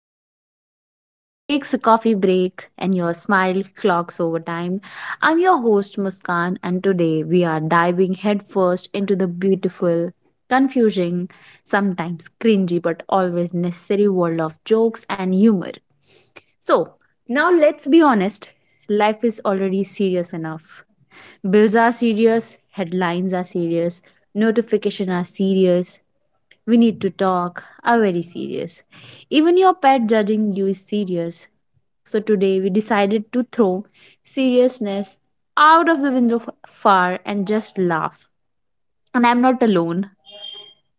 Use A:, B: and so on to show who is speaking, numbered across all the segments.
A: stress takes a coffee break and your smile clocks over time. I'm your host Muskan and today we are diving headfirst into the beautiful, confusing, sometimes cringy but always necessary world of jokes and humor. So, now let's be honest. Life is already serious enough. Bills are serious, headlines are serious, notifications are serious. We need to talk are very serious. Even your pet judging you is serious. So today we decided to throw seriousness out of the window far and just laugh. And I'm not alone.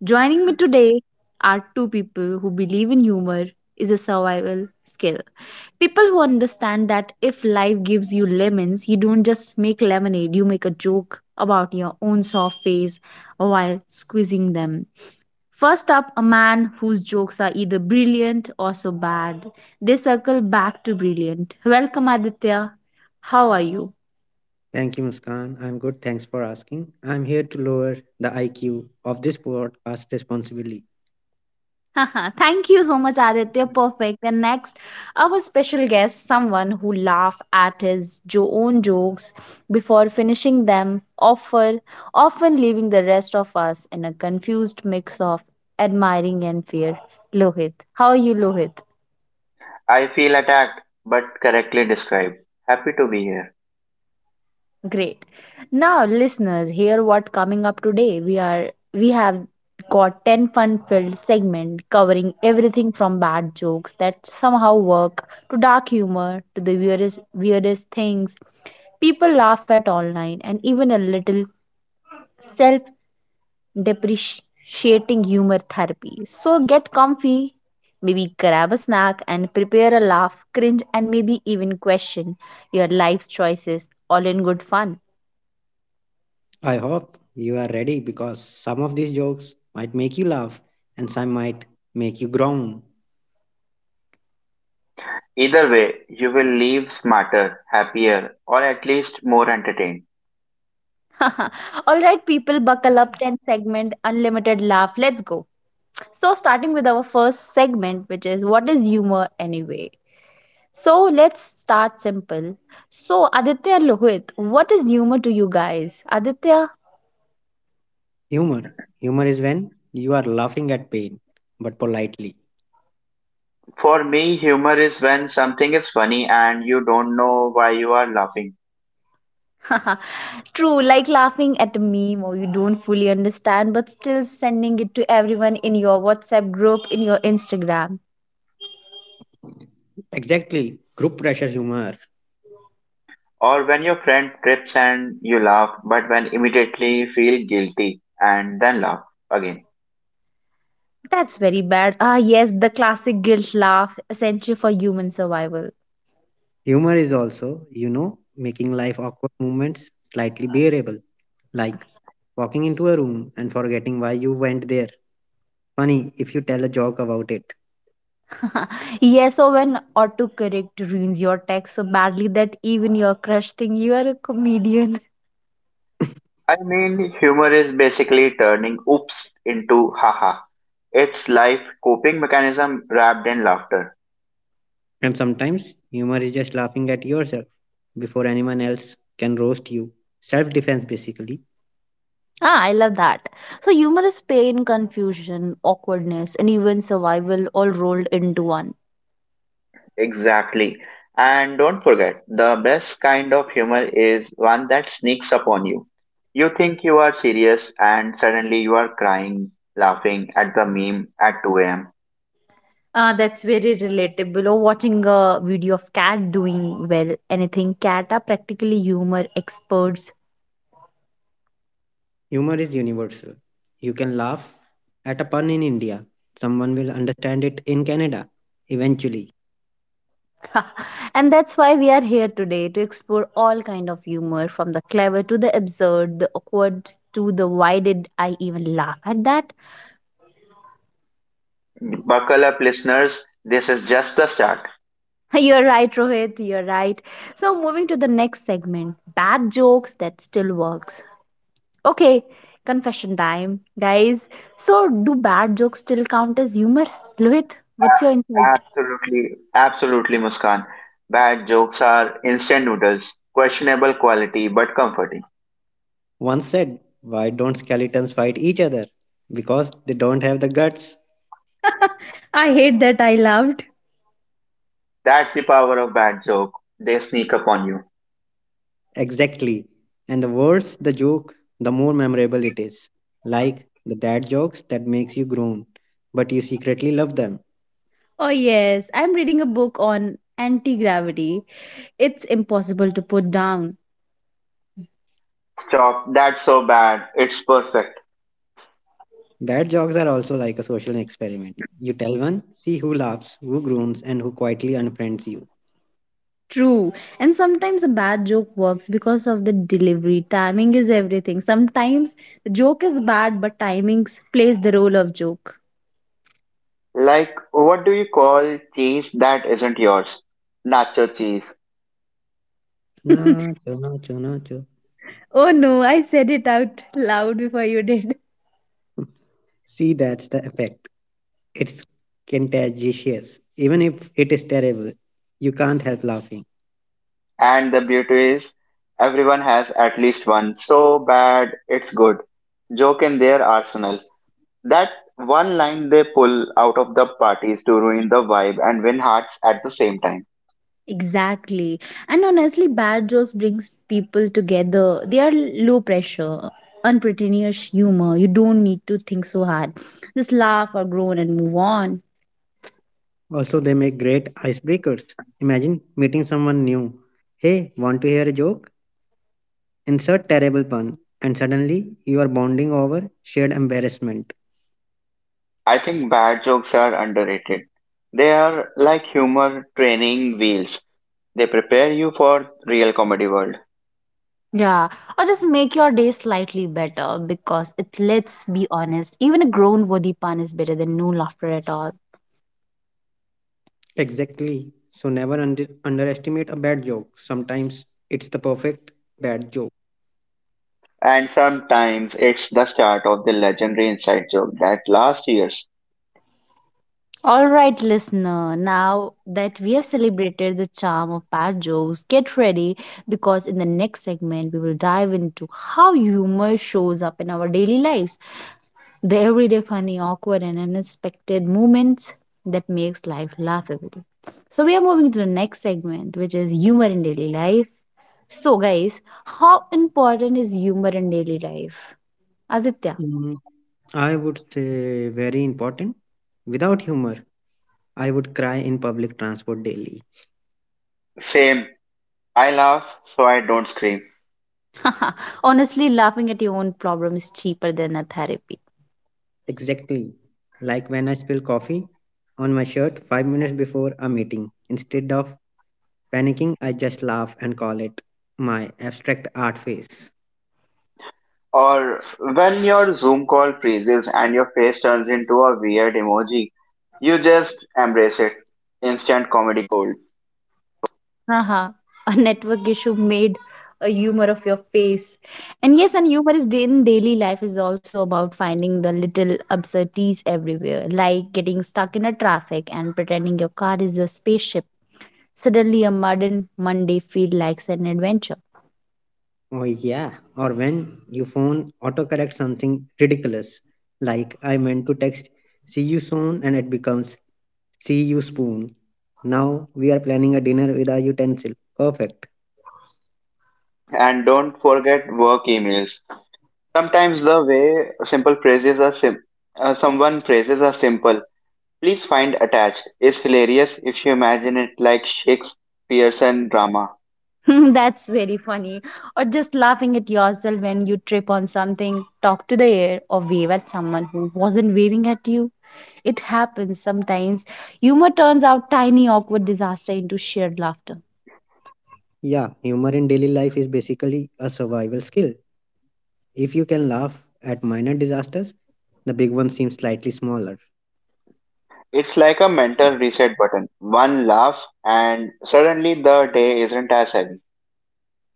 A: Joining me today are two people who believe in humor is a survival skill. People who understand that if life gives you lemons, you don't just make lemonade, you make a joke about your own soft face while squeezing them. First up, a man whose jokes are either brilliant or so bad. They circle back to brilliant. Welcome, Aditya. How are you?
B: Thank you, Muskan. I'm good. Thanks for asking. I'm here to lower the IQ of this podcast responsibly.
A: Haha, thank you so much, Aditya. Perfect. And next, our special guest, someone who laugh at his own jokes before finishing them, often leaving the rest of us in a confused mix of admiring and fear. Lohit. How are you, Lohit?
C: I feel attacked, but correctly described. Happy to be here.
A: Great. Now, listeners, hear what coming up today. We have got 10 fun-filled segments covering everything from bad jokes that somehow work to dark humor to the weirdest things people laugh at online and even a little self-depreciating humor therapy. So get comfy, maybe grab a snack and prepare a laugh, cringe and maybe even question your life choices all in good fun.
B: I hope you are ready because some of these jokes might make you laugh and some might make you groan.
C: Either way, you will leave smarter, happier, or at least more entertained.
A: All right, people, buckle up 10 segment, unlimited laugh. Let's go. So, starting with our first segment, which is what is humor anyway? So, let's start simple. So, Aditya Lohit, what is humor to you guys? Aditya,
B: Humor. Humor is when you are laughing at pain, but politely.
C: For me, humor is when something is funny and you don't know why you are laughing,
A: true, like laughing at a meme or you don't fully understand, but still sending it to everyone in your WhatsApp group, in your Instagram.
B: Exactly. Group pressure humor.
C: or when your friend trips and you laugh, but when immediately feel guilty and then laugh again.
A: That's very bad. Ah, yes, the classic guilt laugh, essential for human survival.
B: Humor is also, making life awkward moments slightly bearable, like walking into a room and forgetting why you went there. Funny if you tell a joke about it.
A: Yes, or when autocorrect ruins your text so badly that even your crush think you are a comedian.
C: Humor is basically turning oops into haha. It's life coping mechanism wrapped in laughter.
B: And sometimes humor is just laughing at yourself before anyone else can roast you. Self defense, basically.
A: Ah, I love that. So humor is pain, confusion, awkwardness, and even survival all rolled into one.
C: Exactly. And don't forget, the best kind of humor is one that sneaks upon you. You think you are serious and suddenly you are crying, laughing at the meme at 2 a.m.
A: Ah, that's very relatable. Or watching a video of cat doing well, anything cat are practically humor experts.
B: Humor is universal. You can laugh at a pun in India, someone will understand it in Canada eventually.
A: And that's why we are here today to explore all kind of humor, from the clever to the absurd, the awkward to the why did I even laugh at that?
C: Buckle up, listeners. This is just the start.
A: You're right, Rohit. You're right. So, moving to the next segment bad jokes that still works. Okay, confession time, guys. So, do bad jokes still count as humor? Rohit, what's your
C: A-
A: insight?
C: Absolutely, absolutely, Muskan. Bad jokes are instant noodles, questionable quality but comforting.
B: Once said, why don't skeletons fight each other? Because they don't have the guts.
A: I hate that I loved.
C: That's the power of bad joke. They sneak upon you.
B: Exactly. And the worse the joke, the more memorable it is. Like the dad jokes that makes you groan, but you secretly love them.
A: Oh, yes, I'm reading a book on anti gravity. It's impossible to put down.
C: Stop. That's so bad. It's perfect.
B: Bad jokes are also like a social experiment. You tell one, see who laughs, who groans, and who quietly unfriends you.
A: True. And sometimes a bad joke works because of the delivery. Timing is everything. Sometimes the joke is bad, but timing plays the role of joke.
C: What do you call cheese that isn't yours? Nacho cheese.
A: Oh
B: Nacho, nacho, nacho.
A: no, I said it out loud before you did.
B: See, that's the effect. It's contagious. Even if it is terrible, you can't help laughing.
C: And the beauty is, everyone has at least one. So bad, it's good. Joke in their arsenal. That one line they pull out of the parties to ruin the vibe and win hearts at the same time.
A: Exactly. And honestly, bad jokes brings people together. They are low pressure, unpretentious humor. You don't need to think so hard. Just laugh or groan and move on.
B: Also, they make great icebreakers. Imagine meeting someone new. Hey, want to hear a joke? Insert terrible pun. And suddenly, you are bonding over shared embarrassment.
C: I think bad jokes are underrated. They are like humor training wheels. They prepare you for real comedy world.
A: Yeah, or just make your day slightly better because it let's be honest, even a grown worthy pun is better than no laughter at all.
B: Exactly. So never underestimate a bad joke. Sometimes it's the perfect bad joke.
C: And sometimes it's the start of the legendary inside joke that last year's.
A: All right, listener, now that we have celebrated the charm of bad jokes, get ready because in the next segment we will dive into how humor shows up in our daily lives. The everyday funny, awkward, and unexpected moments that makes life laughable. So we are moving to the next segment, which is humor in daily life. So, guys, how important is humor in daily life? Aditya,
B: Mm, I would say very important. Without humor, I would cry in public transport daily.
C: Same, I laugh so I don't scream.
A: honestly, laughing at your own problem is cheaper than a therapy.
B: Exactly. Like when I spill coffee on my shirt 5 minutes before a meeting. Instead of panicking, I just laugh and call it my abstract art face.
C: Or when your Zoom call freezes and your face turns into a weird emoji, you just embrace it. Instant comedy gold.
A: Haha, a network issue made a humor of your face. And yes, and humor is in daily life is also about finding the little absurdities everywhere, like getting stuck in a traffic and pretending your car is a spaceship. Suddenly, a modern Monday feel like an adventure.
B: Oh, yeah. Or when your phone autocorrects something ridiculous, like I meant to text see you soon and it becomes see you spoon. Now we are planning a dinner with a utensil. Perfect.
C: And don't forget work emails. Sometimes the way simple phrases are sim- someone phrases are simple. Please find attached is hilarious if you imagine it like Shakespearean drama.
A: That's very funny. Or just laughing at yourself when you trip on something, talk to the air, or wave at someone who wasn't waving at you. It happens sometimes. Humor turns out tiny, awkward disaster into shared laughter.
B: Yeah, humor in daily life is basically a survival skill. If you can laugh at minor disasters, the big one seems slightly smaller.
C: It's like a mental reset button. One laugh, and suddenly the day isn't as heavy.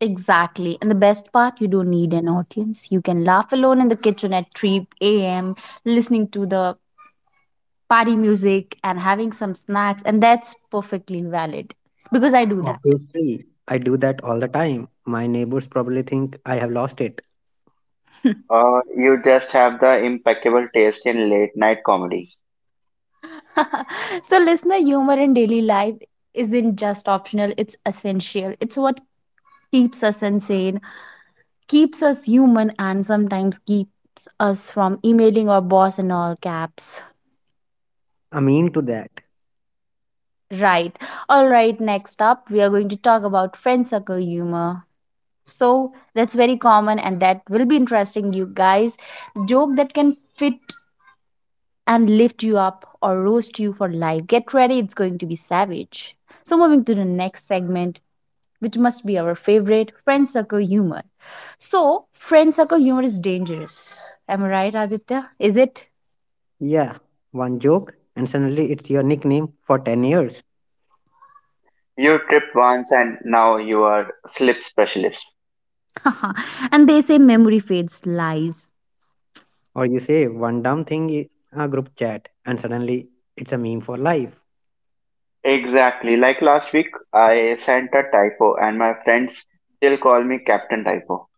A: Exactly. And the best part, you don't need an audience. You can laugh alone in the kitchen at 3 a.m., listening to the party music and having some snacks, and that's perfectly valid because I do that.
B: Obviously, I do that all the time. My neighbors probably think I have lost it.
C: Or you just have the impeccable taste in late night comedy.
A: So, listener, humor in daily life isn't just optional, it's essential. It's what keeps us insane, keeps us human, and sometimes keeps us from emailing our boss in all caps.
B: I mean to that.
A: Right. All right, next up, we are going to talk about friend circle humor. So, that's very common and that will be interesting, you guys. Joke that can fit and lift you up or roast you for life. Get ready, it's going to be savage. So, moving to the next segment which must be our favorite friend circle humor. So, friend circle humor is dangerous. Am I right, Aditya? Is it?
B: Yeah, one joke, and suddenly it's your nickname for 10 years.
C: You tripped once, and now you are slip specialist.
A: And they say memory fades lies.
B: Or you say one dumb thing in a group chat, and suddenly it's a meme for life.
C: Exactly. Like last week, I sent a typo, and my friends still call me Captain Typo.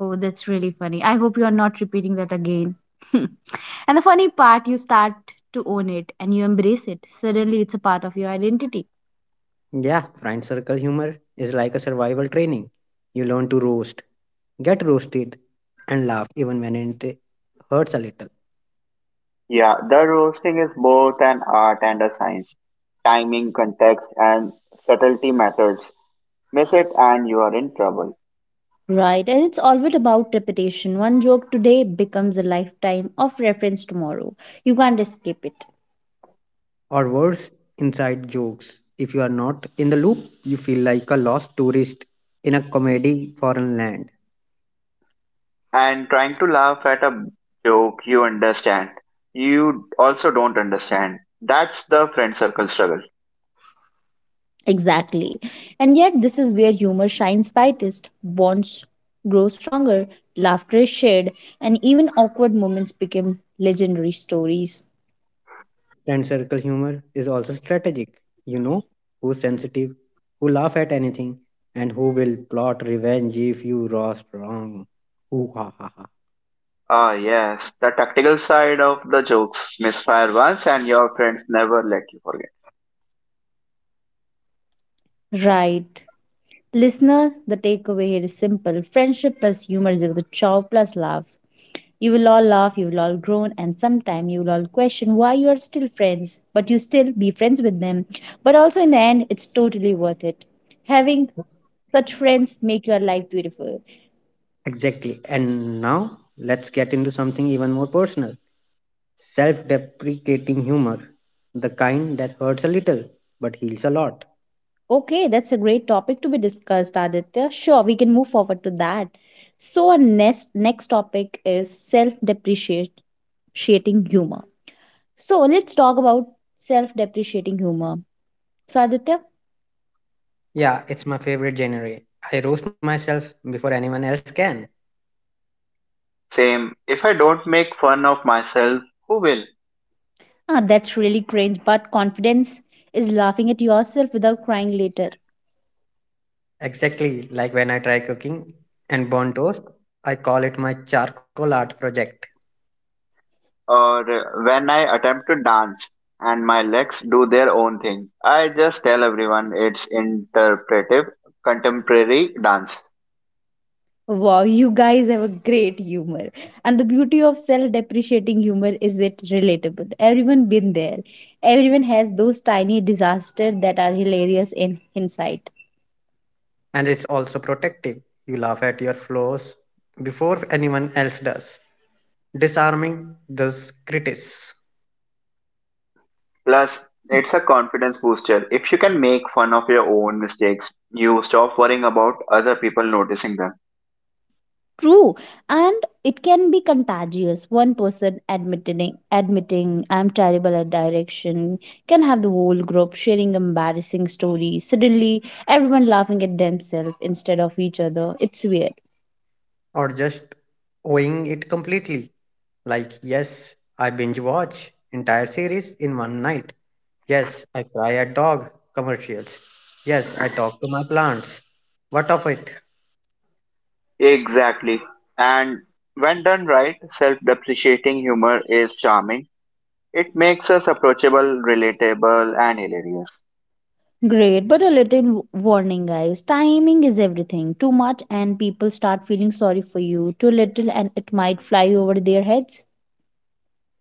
A: Oh, that's really funny. I hope you are not repeating that again. And the funny part, you start to own it and you embrace it. Suddenly, it's a part of your identity.
B: Yeah, friend circle humor is like a survival training. You learn to roast, get roasted, and laugh even when it hurts a little.
C: Yeah, the roasting is both an art and a science. Timing, context, and subtlety matters. Miss it, and you are in trouble.
A: Right, and it's always about repetition. One joke today becomes a lifetime of reference tomorrow. You can't escape it.
B: Or worse, inside jokes. If you are not in the loop, you feel like a lost tourist in a comedy foreign land.
C: And trying to laugh at a joke you understand you also don't understand, that's the friend circle struggle.
A: Exactly. And yet, this is where humor shines brightest, bonds grow stronger, laughter is shared, and even awkward moments become legendary stories.
B: Friend circle humor is also strategic. You know who's sensitive, who laugh at anything, and who will plot revenge if you roast wrong. Ooh, ha, ha, ha.
C: Ah, yes, the tactical side of the jokes. Misfire once and your friends never let you forget.
A: Right. Listener, the takeaway here is simple friendship plus humor is equal to chow plus laugh. You will all laugh, you will all groan, and sometime you will all question why you are still friends, but you still be friends with them. But also, in the end, it's totally worth it. Having such friends make your life beautiful.
B: Exactly. And now let's get into something even more personal, self deprecating humor. The kind that hurts a little but heals a lot.
A: Okay, that's a great topic to be discussed, Aditya. Sure, we can move forward to that. So, our next topic is self-depreciating humor. So, let's talk about self-depreciating humor. So, Aditya,
B: Yeah, it's my favorite genre. I roast myself before anyone else can.
C: Same, if I don't make fun of myself, who will?
A: ah, that's really cringe, but confidence is laughing at yourself without crying later.
B: Exactly, like when I try cooking and burn toast, I call it my charcoal art project.
C: Or when I attempt to dance and my legs do their own thing, I just tell everyone it's interpretive contemporary dance.
A: Wow, you guys have a great humor. And the beauty of self-depreciating humor is it relatable. Everyone been there. Everyone has those tiny disasters that are hilarious in hindsight.
B: And it's also protective. You laugh at your flaws before anyone else does, disarming those critics.
C: Plus, it's a confidence booster. If you can make fun of your own mistakes, you stop worrying about other people noticing them.
A: True. And it can be contagious. One person admitting I'm terrible at direction can have the whole group sharing embarrassing stories. Suddenly everyone laughing at themselves instead of each other. It's weird.
B: Or just owning it completely. Like, yes, I binge watch entire series in one night. Yes, I cry at dog commercials. Yes, I talk to my plants. What of it?
C: Exactly. And when done right, self depreciating humor is charming. It makes us approachable, relatable, and hilarious.
A: Great, but a little warning, guys. Timing is everything. Too much, and people start feeling sorry for you. Too little, and it might fly over their heads.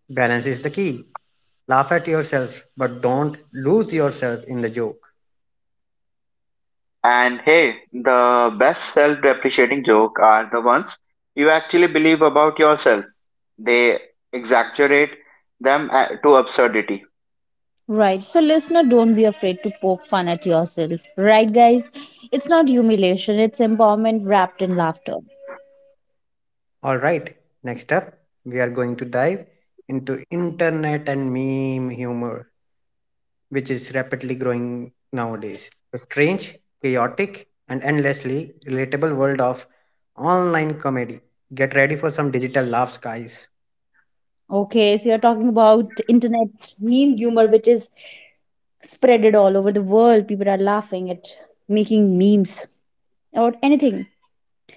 B: Balance is the key. Laugh at yourself, but don't lose yourself in the joke.
C: And hey, the best self depreciating joke are the ones you actually believe about yourself. They exaggerate them to absurdity.
A: Right, so listener, don't be afraid to poke fun at yourself. Right, guys? It's not humiliation, it's empowerment wrapped in laughter.
B: All right, next up, we are going to dive into internet and meme humor, which is rapidly growing nowadays. The strange, chaotic, and endlessly relatable world of online comedy. Get ready for some digital laughs, guys.
A: Okay, so you're talking about internet meme humor, which is spreaded all over the world. People are laughing at making memes or anything.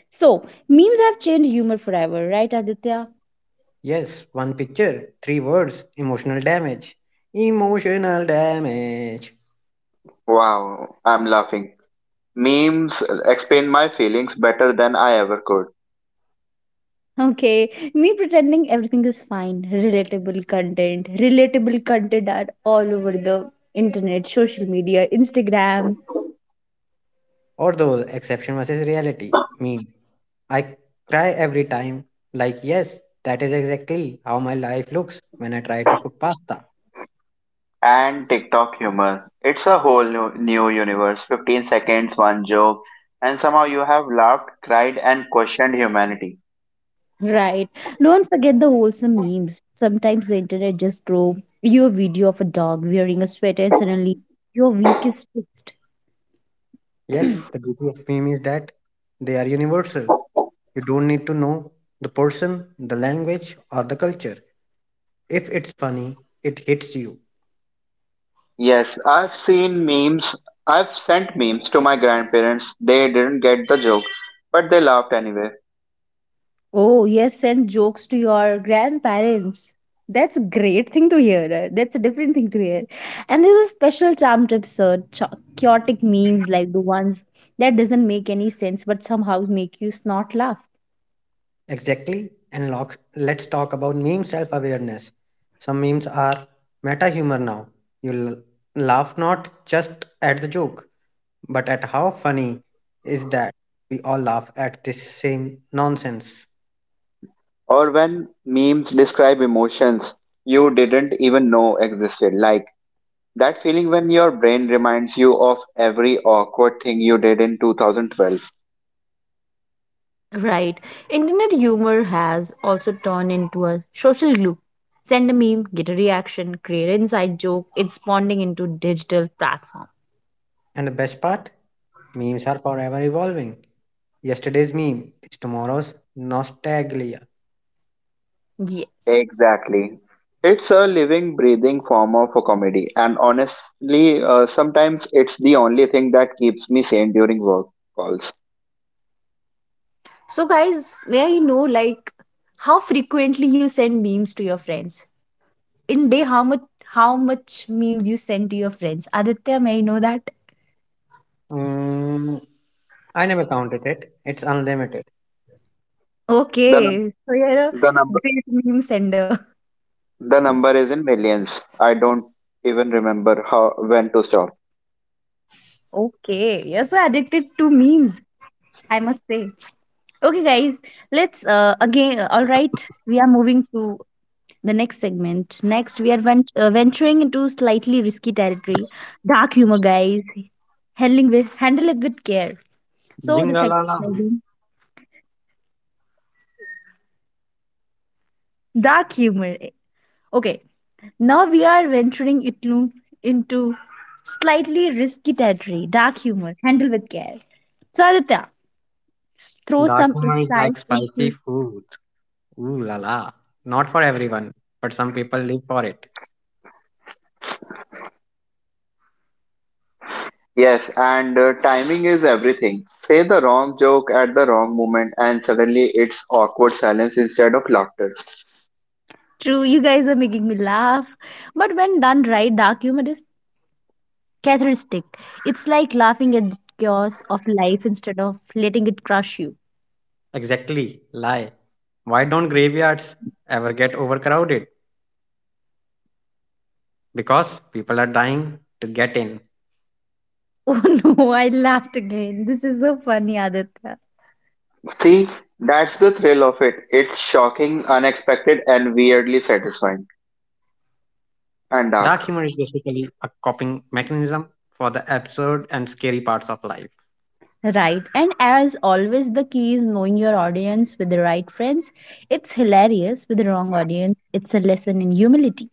A: So, memes have changed humor forever, right, Aditya?
B: Yes, one picture, three words, emotional damage. Emotional damage.
C: Wow, I'm laughing. Memes explain my feelings better than I ever could.
A: Okay, me pretending everything is fine, relatable content. Relatable content are all over the internet, social media, Instagram,
B: Or those exception versus reality meme. I cry every time. Like, yes, that is exactly how my life looks when I try to cook pasta.
C: And TikTok humor. It's a whole new universe. 15 seconds, one joke, and somehow you have laughed, cried, and questioned humanity.
A: right? Don't forget the wholesome memes. Sometimes the internet just throw you a video of a dog wearing a sweater and suddenly your week is fixed.
B: Yes, the beauty of meme is that they are universal. You don't need to know the person, the language, or the culture. If it's funny, it hits you.
C: Yes, I've seen memes. I've sent memes to my grandparents. They didn't get the joke, but they laughed anyway.
A: Oh, you have sent jokes to your grandparents. That's a great thing to hear. That's a different thing to hear. And there's a special charm to absurd, chaotic memes like the ones that doesn't make any sense but somehow make you snort laugh.
B: Exactly. And locks, let's talk about meme self awareness. Some memes are meta humor now. You laugh not just at the joke, but at how funny is that we all laugh at this same nonsense.
C: Or when memes describe emotions you didn't even know existed, like that feeling when your brain reminds you of every awkward thing you did in 2012.
A: Right. Internet humor has also turned into a social glue. Send a meme, get a reaction, create an inside joke. It's spawning into digital platform.
B: And the best part, memes are forever evolving. Yesterday's meme is tomorrow's nostalgia.
A: Yeah.
C: Exactly. It's a living, breathing form of a comedy, and honestly, sometimes it's the only thing that keeps me sane during work calls.
A: So guys, may I know like how frequently you send memes to your friends? In day, how much memes you send to your friends, Aditya? May I know that?
B: Mm, I never counted it. It's unlimited.
C: The num-
A: Okay, so you're a
C: the number
A: great meme sender.
C: the number is in millions. I don't even remember how when to stop.
A: Okay, you're so addicted to memes, I must say. Okay guys, let's again. All right, we are moving to the next segment. Next, we are venturing into slightly risky territory, dark humor, guys. Handling with Handle it with care. So the
B: Jingle la
A: segment
B: la.
A: will be dark humor. Okay. Now we are venturing into slightly risky territory, dark humor, handle with care. So Aditya, throw some
B: Dakima is
A: insight
B: like spicy
A: into
B: food. Ooh la la. Not for everyone, but some people live for it.
C: Yes, and timing is everything. Say the wrong joke at the wrong moment, and suddenly it's awkward silence instead of laughter.
A: true. You guys are making me laugh. But when done right, dark humor is cathartic. It's like laughing at the chaos of life instead of letting it crush you.
B: Exactly. Lie. Why don't graveyards ever get overcrowded? Because people are dying to get in.
A: Oh no, I laughed again. This is so funny, Aditya.
C: See, that's the thrill of it. It's shocking, unexpected, and weirdly satisfying.
B: Dark
C: And
B: humor is
C: dark.
B: basically a coping mechanism for the absurd and scary parts of life.
A: Right. And as always, the key is knowing your audience with the right friends. It's hilarious with the wrong audience. It's a lesson in humility.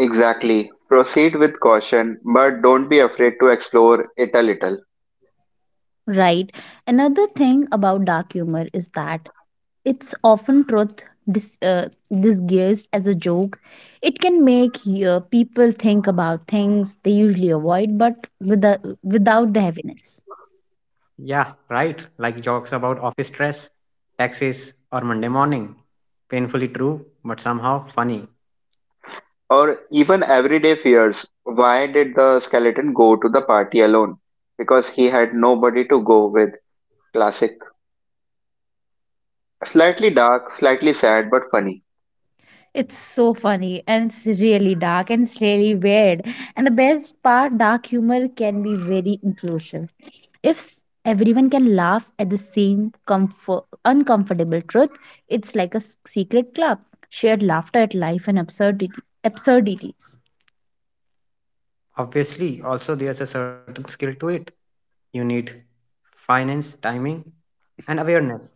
C: Exactly. Proceed with caution, but don't be afraid to explore it a little.
A: Right. Another thing about dark humor is that it's often truth dis- uh, disguised as a joke. It can make people think about things they usually avoid, but without the heaviness.
B: Yeah, right. Like jokes about office stress, taxes, or Monday morning. Painfully true, but somehow funny.
C: Or even everyday fears. Why did the skeleton go to the party alone? Because he had nobody to go with. Classic. Slightly dark, slightly sad, but funny.
A: It's so funny and it's really dark and it's really weird. And the best part, dark humor can be very inclusive. If everyone can laugh at the same comfort, uncomfortable truth, it's like a secret club. Shared laughter at life and absurdities.
B: Obviously, also there's a certain skill to it. You need finance, timing, and awareness.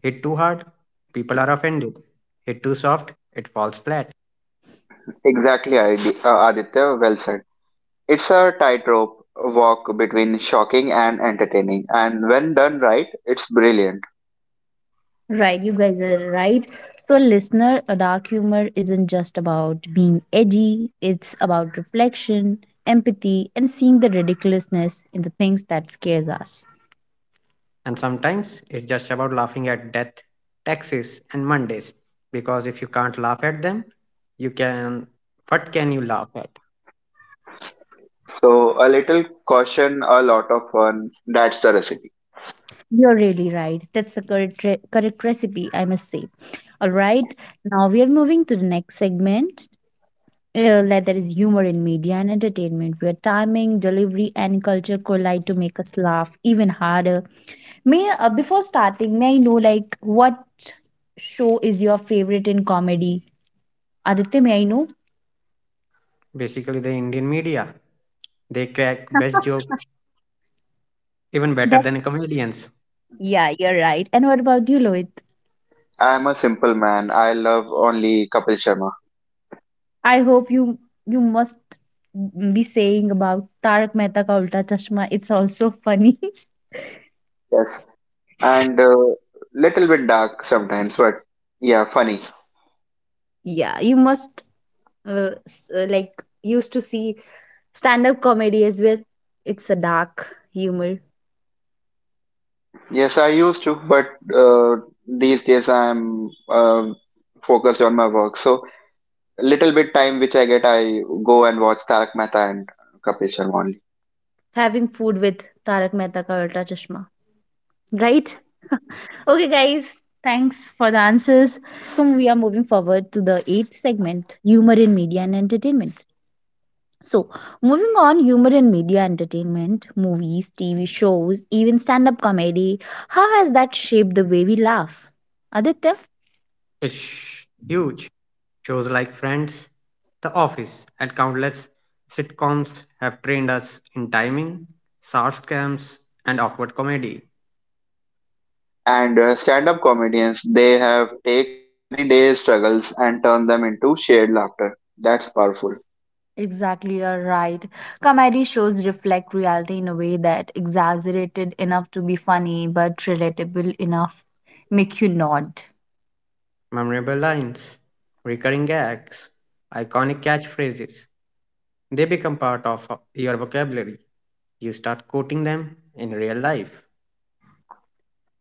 B: Hit too hard, people are offended. Hit too soft, it falls flat.
C: Exactly, Aditya. Well said. It's a tightrope walk between shocking and entertaining, and when done right, it's brilliant.
A: Right, you guys are right. So, listener, a dark humor isn't just about being edgy, it's about reflection, empathy, and seeing the ridiculousness in the things that scares us.
B: And sometimes it's just about laughing at death, taxes, and Mondays. Because if you can't laugh at them, you can. What can you laugh at?
C: So, a little caution, a lot of fun. That's the recipe.
A: You're really right. That's the correct recipe, I must say. All right. Now we are moving to the next segment. Like that is humor in media and entertainment, where timing, delivery, and culture collide to make us laugh even harder. May before starting, may I know like what show is your favorite in comedy? Aditya, may I know?
B: Basically, the Indian media. They crack best joke even better
A: That,
B: than comedians.
A: yeah, you're right. And what about you, Lois?
C: I am a simple man. I love only Kapil Sharma.
A: I hope you must be saying about Tarak Mehta Ka Ulta Chashma. It's also funny.
C: Yes. And little bit dark sometimes, but yeah, funny.
A: Yeah, you must like used to see stand up comedy as well. It's a dark humor.
C: Yes, I used to, but uh, these days I'm uh, focused on my work. So, little bit time which I get, I go and watch Tarak Mehta and Kapil Sharma only.
A: Having food with Tarak Mehta Ka Ulta Chashma, right? Okay, guys. Thanks for the answers. So we are moving forward to the eighth segment: humor in media and entertainment. So, moving on, humor in media entertainment, movies, TV shows, even stand up comedy, how has that shaped the way we laugh? Aditya?
B: It's huge. Shows like Friends, The Office, and countless sitcoms have trained us in timing, sarcasms, and awkward comedy.
C: And stand-up comedians, they have take everyday struggles and turn them into shared laughter. That's powerful.
A: Exactly, you're right. Comedy shows reflect reality in a way that exaggerated enough to be funny but relatable enough make you nod.
B: Memorable lines, recurring gags, iconic catchphrases. They become part of your vocabulary. You start quoting them in real life.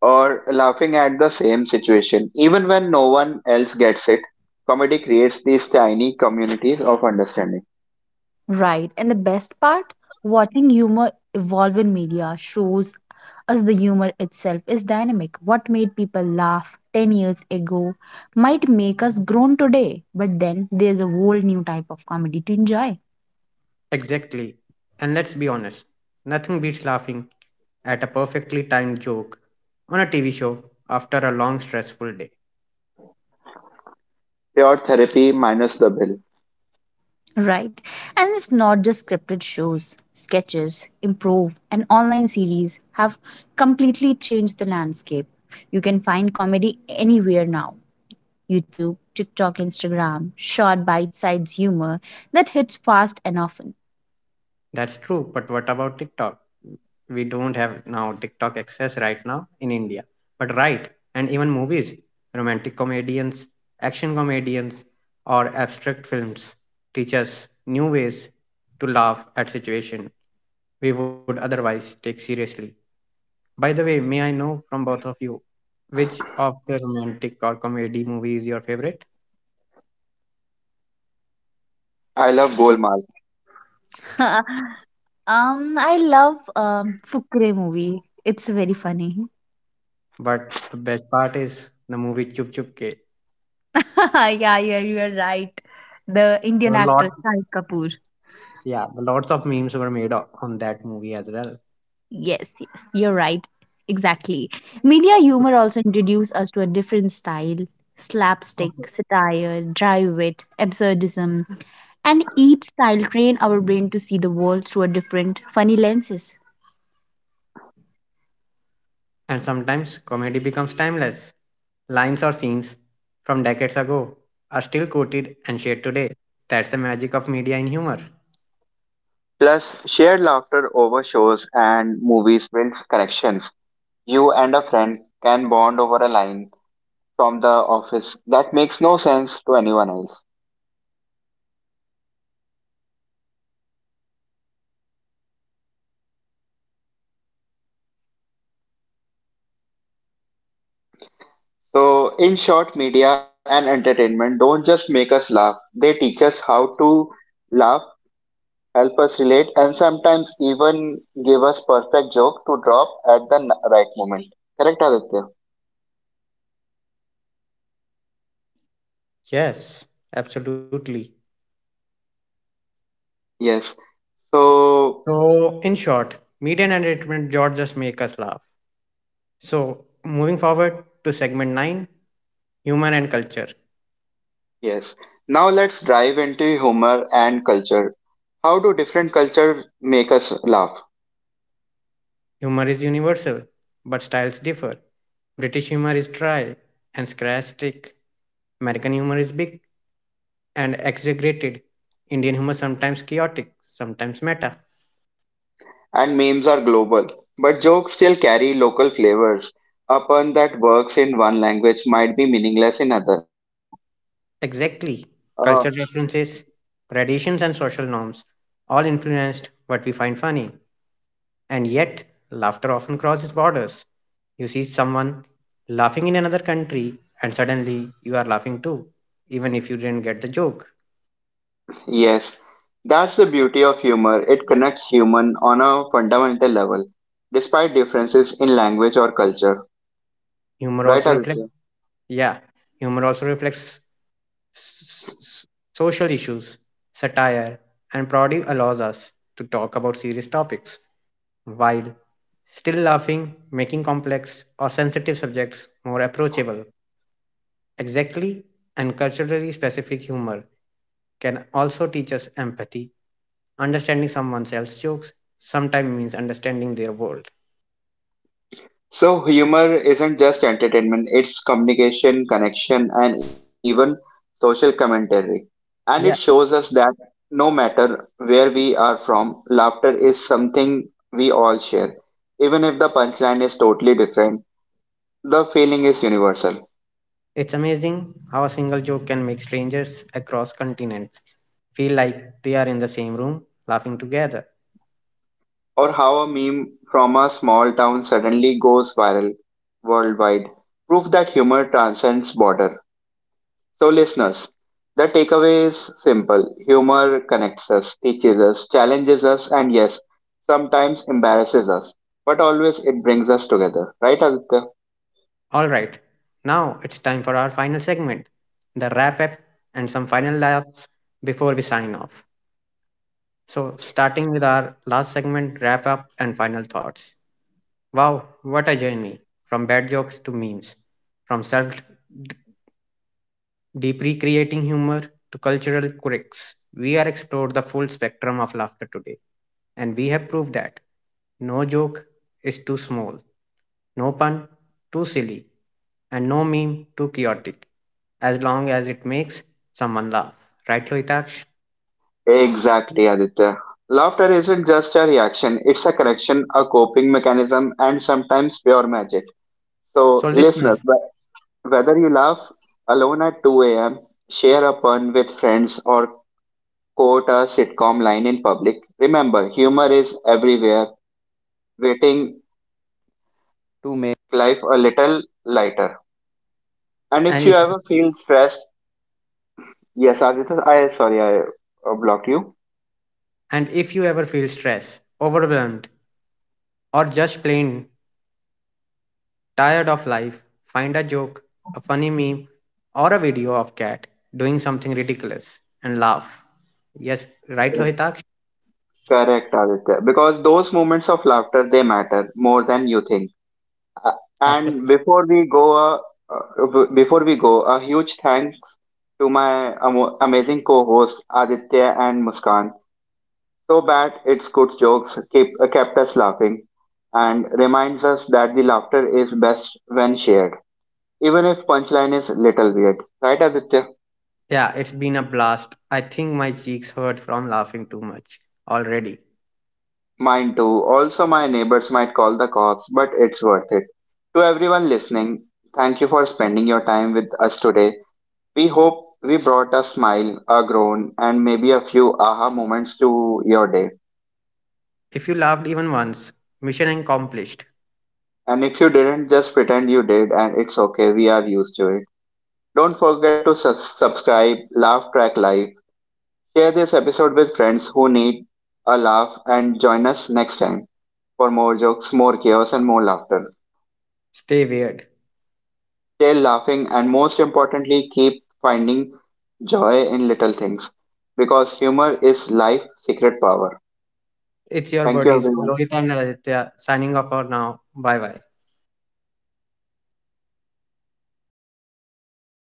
C: Or laughing at the same situation even when no one else gets it. Comedy creates these tiny communities of understanding.
A: Right. And the best part, watching humor evolve in media shows us the humor itself is dynamic. What made people laugh 10 years ago might make us groan today, but then there's a whole new type of comedy to enjoy.
B: Exactly. And let's be honest, nothing beats laughing at a perfectly timed joke on a TV show after a long, stressful day.
C: Pure therapy minus the bill.
A: Right. And it's not just scripted shows, sketches, improv, and online series have completely changed the landscape. You can find comedy anywhere now YouTube, TikTok, Instagram, short bite sized humor that hits fast and often.
B: That's true, but what about TikTok? We don't have now TikTok access right now in India. But right, and even movies, romantic comedians, action comedians, or abstract films teach us new ways to laugh at situation we would otherwise take seriously. By the way, may I know from both of you which of the romantic or comedy movie is your favorite?
C: I love Golmaal.
A: I love Fukre movie. It's very funny.
B: But the best part is the movie Chup Chup Ke.
A: Yeah, yeah, you're right. The
B: There
A: Indian
B: are
A: actress
B: lots,
A: Shahid Kapoor.
B: yeah, the lots of memes were made on that movie as well.
A: Yes, yes, you're right. Exactly. Media humor also introduced us to a different style slapstick,
B: Okay.
A: satire, dry wit, absurdism, and each style train our brain to see the world through a different funny lenses.
B: And sometimes comedy becomes timeless. Lines or scenes from decades ago are still quoted and shared today. That's the magic of media and humor.
C: Plus, shared laughter over shows and movies builds connections. You and a friend can bond over a line from the office that makes no sense to anyone else. So, in short, media and entertainment don't just make us laugh, they teach us how to laugh, help us relate, and sometimes even give us perfect joke to drop at the right moment. Correct, Aditya?
B: Yes, absolutely.
C: Yes. So,
B: So, in short, media and entertainment don't just make us laugh. So, moving forward to segment 9, humor and culture.
C: yes. Now let's dive into humor and culture. How do different cultures make us laugh?
B: Humor is universal, but styles differ. British humor is dry and sarcastic. American humor is big and exaggerated. Indian humor sometimes chaotic, sometimes meta.
C: And memes are global, but jokes still carry local flavors. A pun that works in one language might be meaningless in other.
B: Exactly.
C: Uh,
B: Culture references, traditions, and social norms all influenced what we find funny. And yet, laughter often crosses borders. You see someone laughing in another country, and suddenly you are laughing too, even if you didn't get the joke.
C: Yes, that's the beauty of humor. It connects human on a fundamental level, despite differences in language or culture.
B: Humor
C: Right,
B: also reflects,
C: Aditya?
B: yeah, humor also reflects s- s- social issues. Satire and parody allows us to talk about serious topics while still laughing, making complex or sensitive subjects more approachable. Exactly, and culturally specific humor can also teach us empathy. Understanding someone else's jokes sometimes means understanding their world.
C: So, humor isn't just entertainment, it's communication, connection, and even social commentary. And it
B: Yeah,
C: shows us that no matter where we are from, laughter is something we all share. Even if the punchline is totally different, the feeling is universal.
B: it's amazing how a single joke can make strangers across continents feel like they are in the same room laughing together.
C: Or how a meme from a small town suddenly goes viral worldwide. Proof that humor transcends border. So, listeners, the takeaway is simple. Humor connects us, teaches us, challenges us, and yes, sometimes embarrasses us. But always it brings us together. Right, Aditya?
B: All right, now it's time for our final segment, the wrap up and some final laps before we sign off. So, starting with our last segment, wrap up and final thoughts. Wow, what a journey, from bad jokes to memes, from self deeply creating humor to cultural quirks. We are explored the full spectrum of laughter today, and we have proved that no joke is too small, no pun too silly, and no meme too chaotic, as long as it makes someone laugh. Right, Lohitaksh?
C: Exactly, Aditya. Laughter isn't just a reaction, it's a correction, a coping mechanism, and sometimes pure magic.
B: So,
C: So, listeners,
B: listeners,
C: whether you laugh alone at 2 a.m., share a pun with friends, or quote a sitcom line in public, remember humor is everywhere, waiting to make life a little lighter. And if
B: and
C: you
B: if
C: ever feel stressed, yes, Aditya, I sorry, I blocked you.
B: and if you ever feel stressed, overwhelmed, or just plain tired of life? Find a joke, a funny meme, or a video of cat doing something ridiculous and laugh. Yes, right,
C: Yes,
B: Lohitak.
C: correct, Aditya. Because those moments of laughter, they matter more than you think. Uh,
B: Abso-
C: And before we go, a huge thank to my amo amazing co-hosts Aditya and Muskan. So bad its good jokes kept us laughing and reminds us that the laughter is best when shared, even if punchline is little weird. Right, Aditya?
B: Yeah, it's been a blast. I think my cheeks hurt from laughing too much already.
C: Mine too. Also, my neighbors might call the cops, but it's worth it. To everyone listening, thank you for spending your time with us today. We hope we brought a smile, a groan, and maybe a few aha moments to your day.
B: If you laughed even once, mission accomplished.
C: And if you didn't, just pretend you did, and it's okay, we are used to it. Don't forget to subscribe, Laugh Track Live, share this episode with friends who need a laugh, and join us next time for more jokes, more chaos, and more laughter.
B: Stay weird.
C: Stay laughing, and most importantly, keep finding joy in little things because humor is life's secret power.
B: It's your
C: Thank you,
B: buddies,
C: everyone.
B: Lohita and Aditya, signing off for now. Bye bye.